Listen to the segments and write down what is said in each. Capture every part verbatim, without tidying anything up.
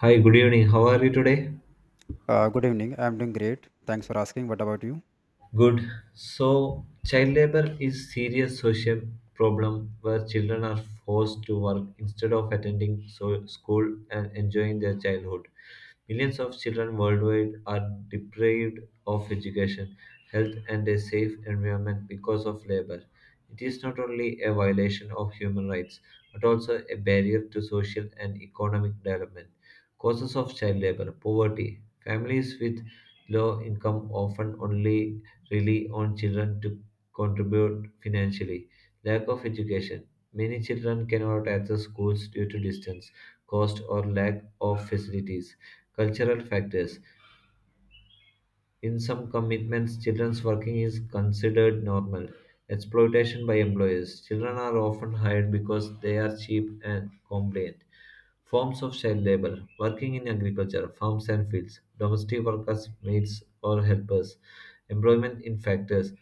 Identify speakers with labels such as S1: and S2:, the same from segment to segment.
S1: Hi, good evening. How are you today?
S2: Uh, good evening. I'm doing great. Thanks for asking. What about you?
S1: Good. So, child labor is serious social problem where children are forced to work instead of attending so- school and enjoying their childhood. Millions of children worldwide are deprived of education, health, and a safe environment because of labor. It is not only a violation of human rights, but also a barrier to social and economic development. Causes of child labor, poverty. Families with low income often only rely on children to contribute financially. Lack of education. Many children cannot access schools due to distance, cost, or lack of facilities. Cultural factors. In some commitments, children's working is considered normal. Exploitation by employers. Children are often hired because they are cheap and compliant. Forms of child labor. Working in agriculture, farms and fields. Domestic workers, maids, or helpers. Employment in factories,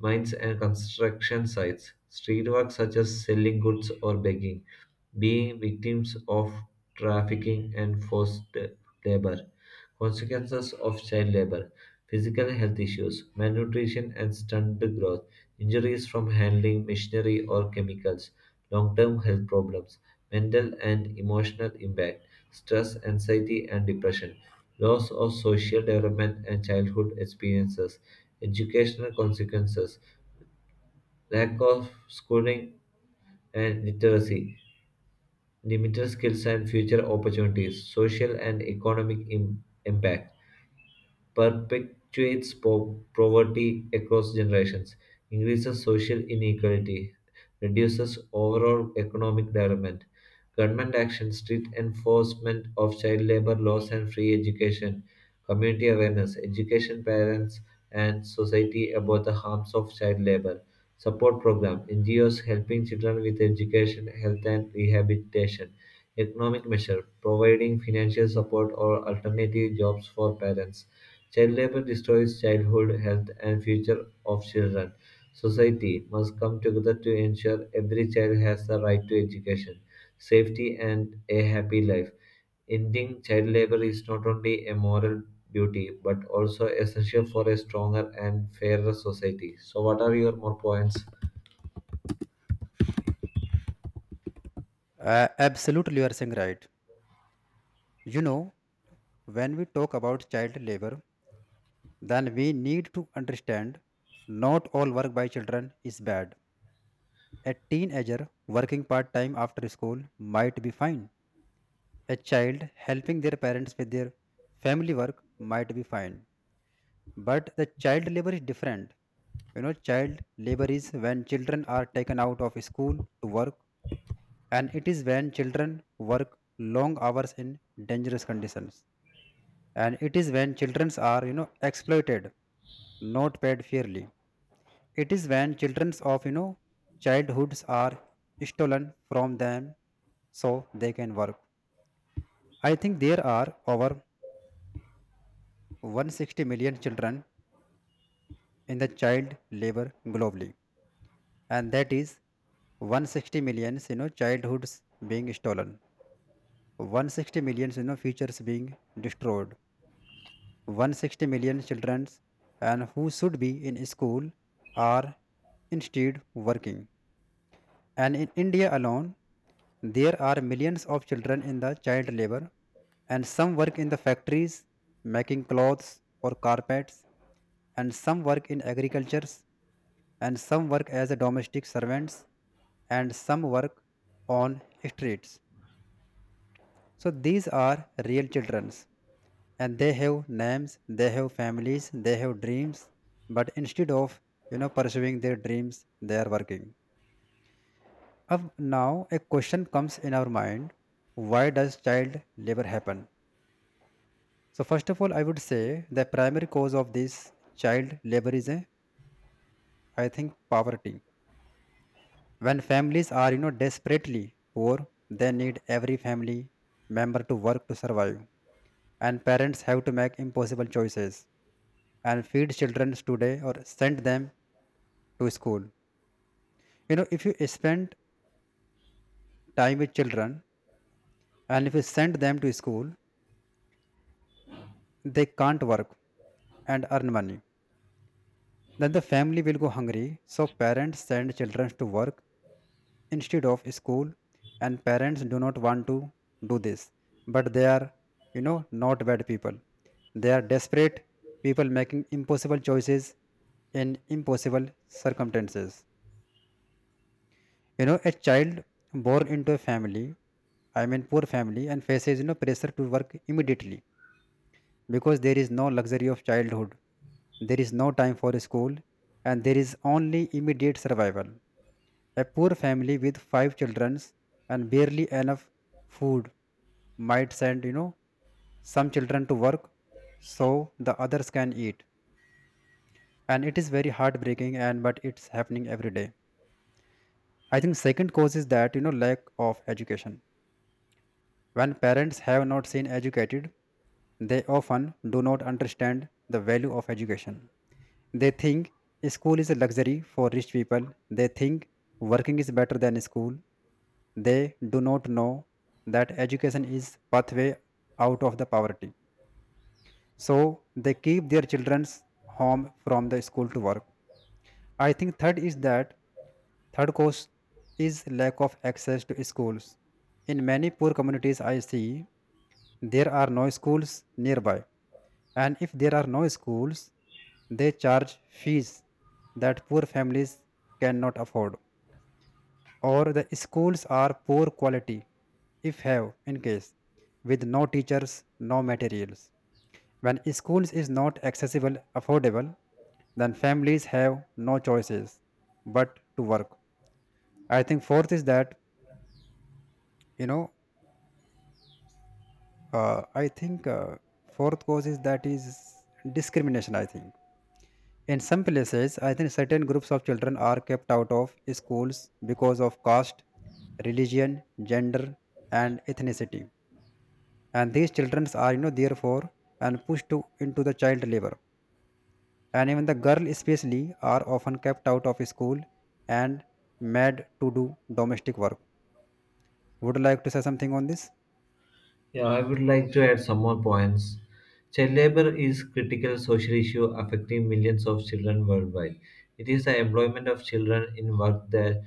S1: mines and construction sites, street work such as selling goods or begging, being victims of trafficking and forced labor, consequences of child labor, physical health issues, malnutrition and stunted growth, injuries from handling machinery or chemicals, long term health problems, mental and emotional impact, stress, anxiety, and depression. Loss of social development and childhood experiences, educational consequences, lack of schooling and literacy, limited skills and future opportunities, social and economic Im- impact perpetuates po- poverty across generations, increases social inequality, reduces overall economic development. Government action, strict enforcement of child labor laws and free education, community awareness, education parents and society about the harms of child labor. Support program, N G Os helping children with education, health and rehabilitation. Economic measure, providing financial support or alternative jobs for parents. Child labor destroys childhood, health, and future of children. Society must come together to ensure every child has the right to education, safety, and a happy life. Ending child labor is not only a moral duty but also essential for a stronger and fairer society. So, what are your more points?
S2: Uh, absolutely, you are saying right. You know, when we talk about child labor, then we need to understand not all work by children is bad. A teenager working part time after school might be fine. A child helping their parents with their family work might be fine. But the child labor is different. You know, child labor is when children are taken out of school to work, and it is when children work long hours in dangerous conditions, and it is when children are you know exploited, not paid fairly. It is when children of you know childhoods are stolen from them so they can work. I think there are over one hundred sixty million children in the child labor globally, and that is one hundred sixty million, you know childhoods being stolen. One hundred sixty million, you know futures being destroyed. one hundred sixty million children and who should be in school are instead working. And in India alone, there are millions of children in the child labor, and some work in the factories making clothes or carpets, and some work in agricultures, and some work as a domestic servants, and some work on streets. So these are real childrens and they have names, they have families, they have dreams, but instead of you know pursuing their dreams, they are working. Of Now a question comes in our mind: why does child labor happen? So first of all, I would say the primary cause of this child labor is a, I think poverty. When families are, you know, desperately poor, they need every family member to work to survive, and parents have to make impossible choices and feed children today or send them to school. You know, if you spend time with children and if you send them to school, they can't work and earn money. Then the family will go hungry. So parents send children to work instead of school, and parents do not want to do this. But they are, you know, not bad people. They are desperate people making impossible choices in impossible circumstances. You know, a child born into a family, I mean poor family, and faces you know pressure to work immediately because there is no luxury of childhood. There is no time for school, and there is only immediate survival. A poor family with five children and barely enough food might send you know some children to work so the others can eat. And it is very heartbreaking, and but it's happening every day. I think second cause is that, you know, lack of education. When parents have not seen educated, they often do not understand the value of education. They think school is a luxury for rich people. They think working is better than school. They do not know that education is pathway out of the poverty. So they keep their children's home from the school to work. I think third is that Third cause is lack of access to schools. In many poor communities I see there are no schools nearby. And if there are no schools, they charge fees that poor families cannot afford, or the schools are poor quality, if have in case, with no teachers, no materials. When schools is not accessible, affordable, then families have no choices but to work. I think fourth is that you know uh, I think uh, Fourth cause is that is discrimination. I think in some places, I think certain groups of children are kept out of schools because of caste, religion, gender, and ethnicity. And these children are, you know, therefore, and pushed to, into the child labor. And even the girl, especially, are often kept out of school and made to do domestic work. Would you like to say something on this?
S1: Yeah, I would like to add some more points. Child labor is critical social issue affecting millions of children worldwide. It is the employment of children in work that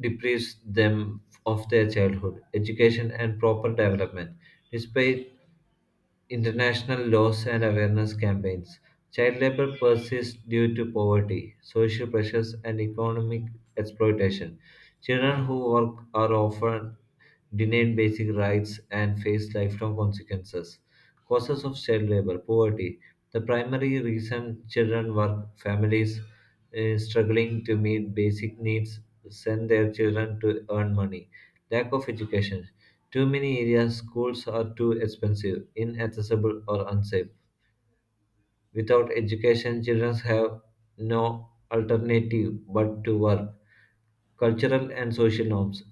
S1: deprives them of their childhood education and proper development. Despite international laws and awareness campaigns, child labor persists due to poverty, social pressures, and economic exploitation. Children who work are often denied basic rights and face lifelong consequences. Causes of child labor poverty. The primary reason children work, families eh, struggling to meet basic needs send their children to earn money. Lack of education. Too many areas, schools are too expensive, inaccessible, or unsafe. Without education, children have no alternative but to work. Cultural and social norms.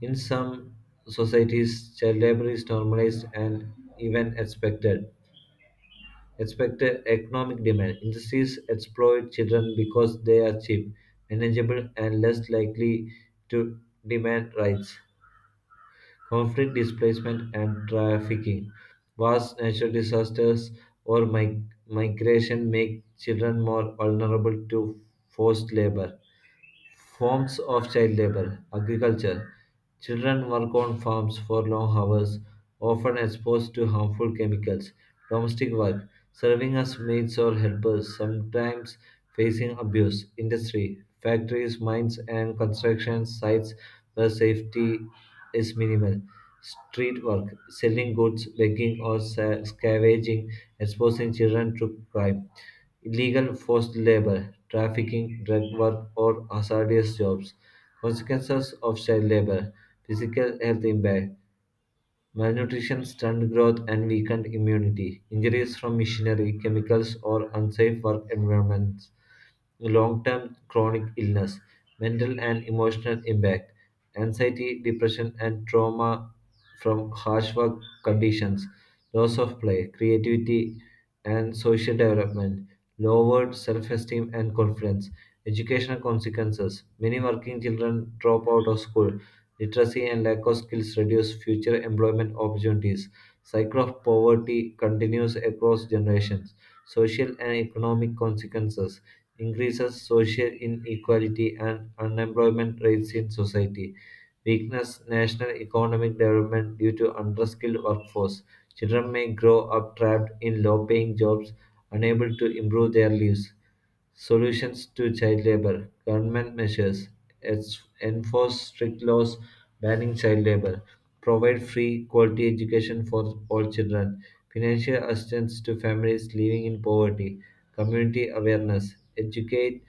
S1: In some societies, child labor is normalized and even expected. Expected economic demand. Industries exploit children because they are cheap, manageable, and less likely to demand rights. Conflict, displacement, and trafficking. Vast natural disasters, or mig- migration make children more vulnerable to forced labor. Forms of child labor, agriculture. Children work on farms for long hours, often exposed to harmful chemicals. Domestic work, serving as maids or helpers, sometimes facing abuse. Industry, factories, mines, and construction sites where safety is minimal. Street work, selling goods, begging, or sa- scavenging, exposing children to crime, illegal forced labor, trafficking, drug work, or hazardous jobs. Consequences of child labor, physical health impact, malnutrition, stunted growth, and weakened immunity, injuries from machinery, chemicals, or unsafe work environments, long term chronic illness, mental and emotional impact, anxiety, depression, and trauma from harsh work conditions, loss of play, creativity, and social development, lowered self esteem and confidence, educational consequences. Many working children drop out of school, literacy and lack of skills reduce future employment opportunities, cycle of poverty continues across generations, social and economic consequences. Increases social inequality and unemployment rates in society, weakness national economic development due to underskilled workforce. Children may grow up trapped in low-paying jobs, unable to improve their lives. Solutions to child labor. Government measures. Ens- Enforce strict laws banning child labor. Provide free quality education for all children. Financial assistance to families living in poverty. Community awareness. Educate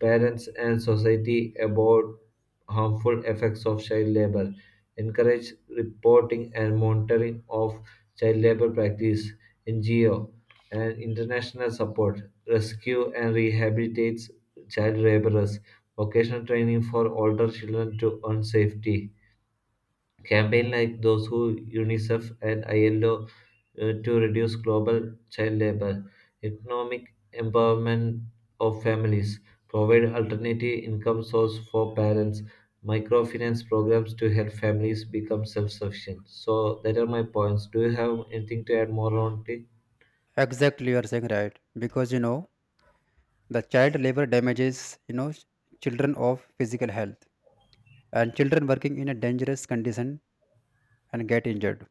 S1: parents and society about harmful effects of child labor, encourage reporting and monitoring of child labor practice, N G O, and international support, rescue and rehabilitates child laborers, vocational training for older children to earn safety. Campaigns like those who UNICEF and I L O, uh, to reduce global child labor, economic empowerment of families, provide alternative income source for parents, microfinance programs to help families become self-sufficient. So that are my points. Do you have anything to add more on it?
S2: Exactly, you are saying right. Because you know, the child labor damages, you know, ch- children of physical health, and children working in a dangerous condition and get injured.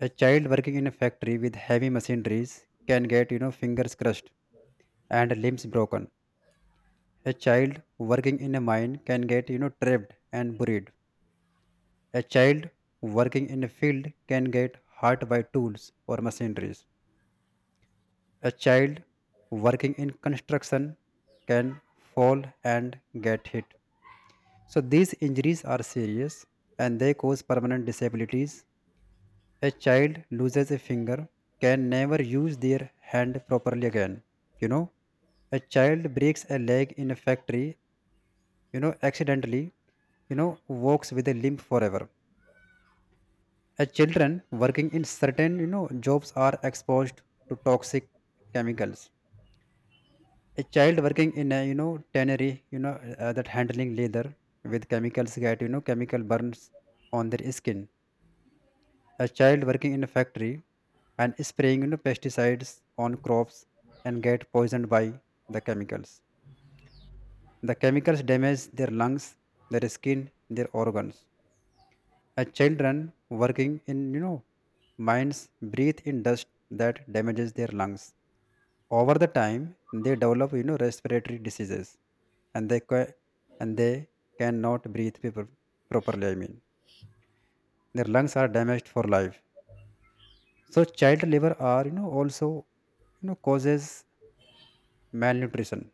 S2: A child working in a factory with heavy machineries can get, you know, fingers crushed and limbs broken. A child working in a mine can get, you know, trapped and buried. A child working in a field can get hurt by tools or machineries. A child working in construction can fall and get hit. So these injuries are serious and they cause permanent disabilities. A child loses a finger, can never use their hand properly again. You know, a child breaks a leg in a factory, you know, accidentally, you know, walks with a limp forever. A children working in certain, you know, jobs are exposed to toxic chemicals. A child working in a, you know, tannery, you know, uh, that handling leather with chemicals get, you know, chemical burns on their skin. A child working in a factory and spraying, you know, pesticides on crops and get poisoned by the chemicals. The chemicals damage their lungs, their skin, their organs. As children working in, you know, mines breathe in dust that damages their lungs. Over the time, they develop, you know, respiratory diseases, and they ca- and they cannot breathe people properly. I mean, their lungs are damaged for life. So child labor are, you know, also, you know, causes malnutrition,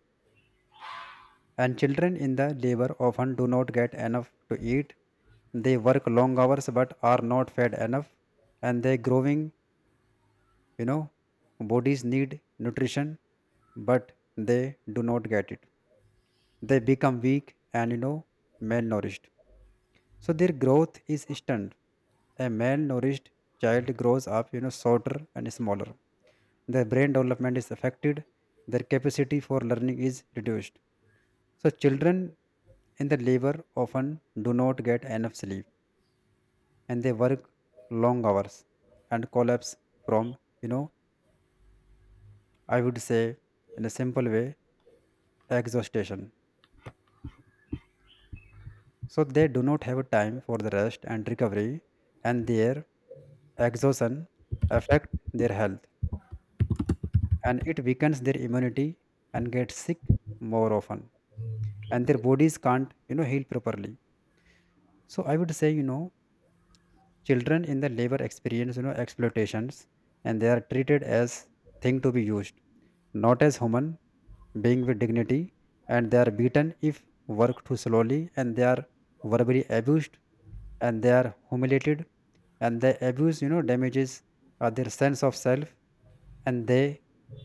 S2: and children in the labor often do not get enough to eat. They work long hours but are not fed enough, and their growing, you know, bodies need nutrition, but they do not get it. They become weak and, you know, malnourished. So their growth is stunned. A malnourished child grows up, you know, shorter and smaller. Their brain development is affected. Their capacity for learning is reduced. So children in the labor often do not get enough sleep, and they work long hours and collapse from, you know, I would say in a simple way, exhaustion. So they do not have time for the rest and recovery, and their exhaustion affect their health, and it weakens their immunity and gets sick more often, and their bodies can't, you know, heal properly. So I would say, you know, children in the labor experience, you know, exploitations, and they are treated as thing to be used, not as human being with dignity, and they are beaten if work too slowly, and they are verbally abused, and they are humiliated, and the abuse, you know, damages uh, their sense of self, and they,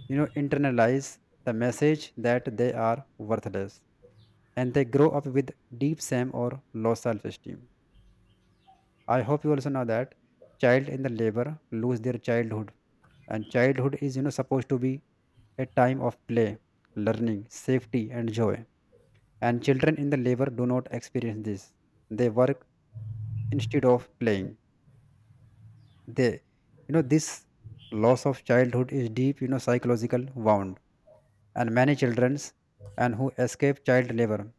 S2: you know, internalize the message that they are worthless, and they grow up with deep shame or low self-esteem. I hope you also know that child in the labor lose their childhood, and childhood is, you know, supposed to be a time of play, learning, safety, and joy. And children in the labor do not experience this. They work instead of playing. They, you know, this loss of childhood is deep, you know, psychological wound. And many childrens and who escape child labor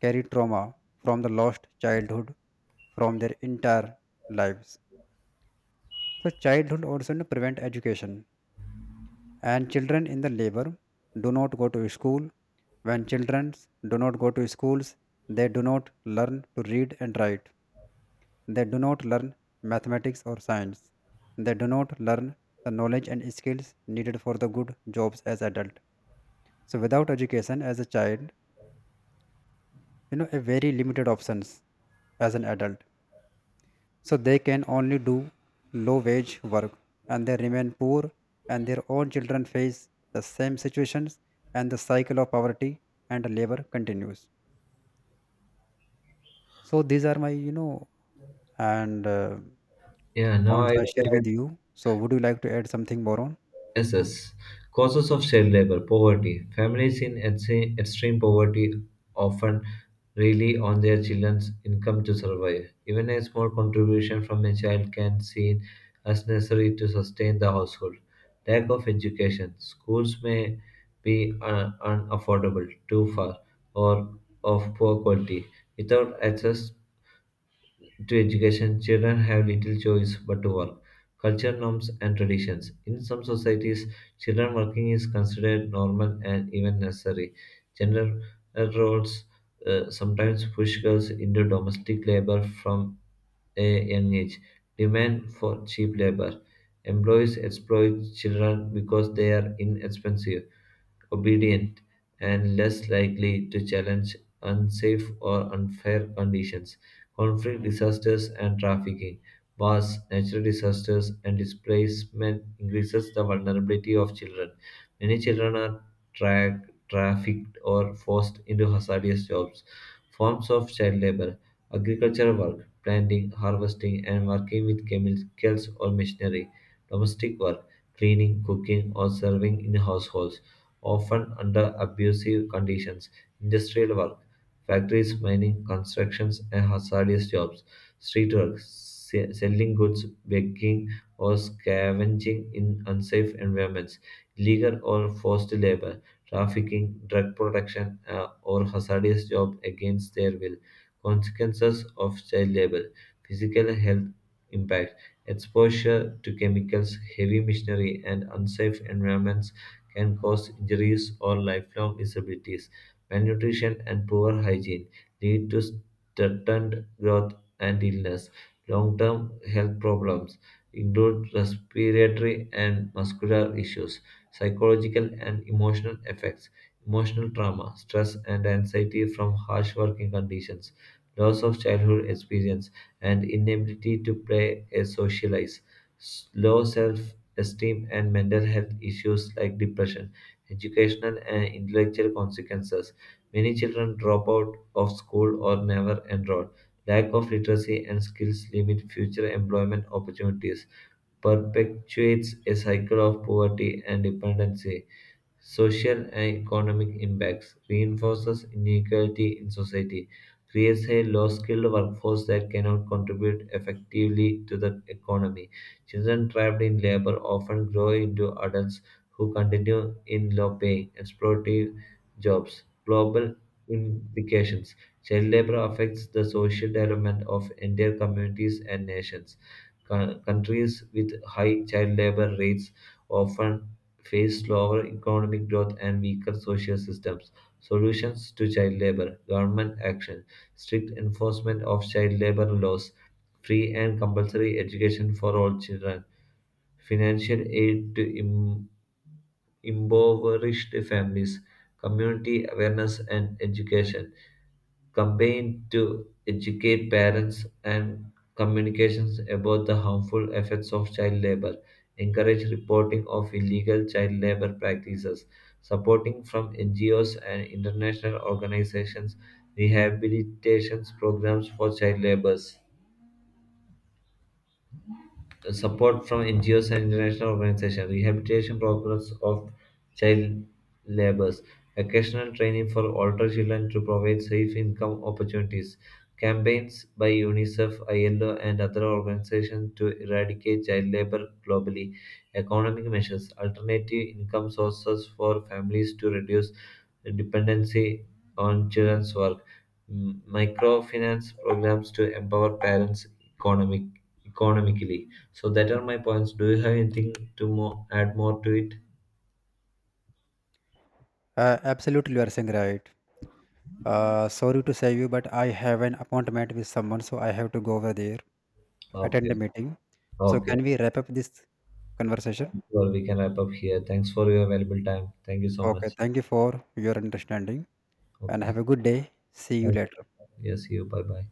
S2: carry trauma from the lost childhood from their entire lives. So childhood also, you know, prevent education, and children in the labor do not go to school. When children do not go to schools, they do not learn to read and write. They do not learn mathematics or science. They do not learn the knowledge and skills needed for the good jobs as adult. So without education as a child, you know, a very limited options as an adult. So they can only do low wage work, and they remain poor, and their own children face the same situations, and the cycle of poverty and labor continues. So these are my, you know, and uh,
S1: Yeah, now I
S2: points I share
S1: will
S2: with you. So would you like to add something more on?
S1: S S. Causes of child labor, poverty. Families in extreme extreme poverty often rely on their children's income to survive. Even a small contribution from a child can seen as necessary to sustain the household. Lack of education. Schools may be un- unaffordable, too far, or of poor quality. Without access to education, children have little choice but to work. Culture norms and traditions. In some societies, children working is considered normal and even necessary. Gender roles uh, sometimes push girls into domestic labor from a young age. Demand for cheap labor. Employees exploit children because they are inexpensive, obedient, and less likely to challenge unsafe or unfair conditions. Conflict disasters and trafficking. Wars, natural disasters, and displacement increases the vulnerability of children. Many children are tra- trafficked or forced into hazardous jobs. Forms of child labor, agricultural work, planting, harvesting, and working with chemicals or machinery, domestic work, cleaning, cooking, or serving in households, often under abusive conditions, industrial work, factories, mining, constructions, and hazardous jobs, street work, se- selling goods, begging, or scavenging in unsafe environments, legal or forced labor, trafficking, drug production, uh, or hazardous jobs against their will, consequences of child labor, physical health impact, exposure to chemicals, heavy machinery, and unsafe environments can cause injuries or lifelong disabilities. Malnutrition and poor hygiene lead to stunted growth and illness, long-term health problems include respiratory and muscular issues, psychological and emotional effects, emotional trauma, stress and anxiety from harsh working conditions, loss of childhood experience, and inability to play and socialize, s- low self esteem and mental health issues like depression, educational and intellectual consequences. Many children drop out of school or never enroll. Lack of literacy and skills limit future employment opportunities, perpetuates a cycle of poverty and dependency, social and economic impacts, reinforces inequality in society, creates a low skilled workforce that cannot contribute effectively to the economy. Children trapped in labor often grow into adults who continue in low paying, exploitative jobs. Global implications. Child labor affects the social development of entire communities and nations. Co- countries with high child labor rates often face slower economic growth and weaker social systems. Solutions to child labor, government action, strict enforcement of child labor laws, free and compulsory education for all children, financial aid to im- impoverished families, community awareness and education, campaign to educate parents and communications about the harmful effects of child labor, encourage reporting of illegal child labor practices, supporting from N G Os and international organizations, rehabilitation programs for child laborers, support from N G Os and international organizations, rehabilitation programs of child laborers, occasional training for older children to provide safe income opportunities, campaigns by UNICEF, I L O, and other organizations to eradicate child labor globally, economic measures, alternative income sources for families to reduce dependency on children's work, m- microfinance programs to empower parents economic, economically. So that are my points. Do you have anything to more add more to it?
S2: Uh, absolutely, you are saying right. Uh, sorry to say you, but I have an appointment with someone, so I have to go over there,
S1: Okay.
S2: attend a meeting. So
S1: Okay.
S2: can we wrap up this conversation?
S1: Well, we can wrap up here. Thanks for your valuable time. Thank you so
S2: Okay,
S1: much.
S2: thank you for your understanding, and have
S1: Okay.
S2: a good day. See you later.
S1: Yes, you. Bye bye.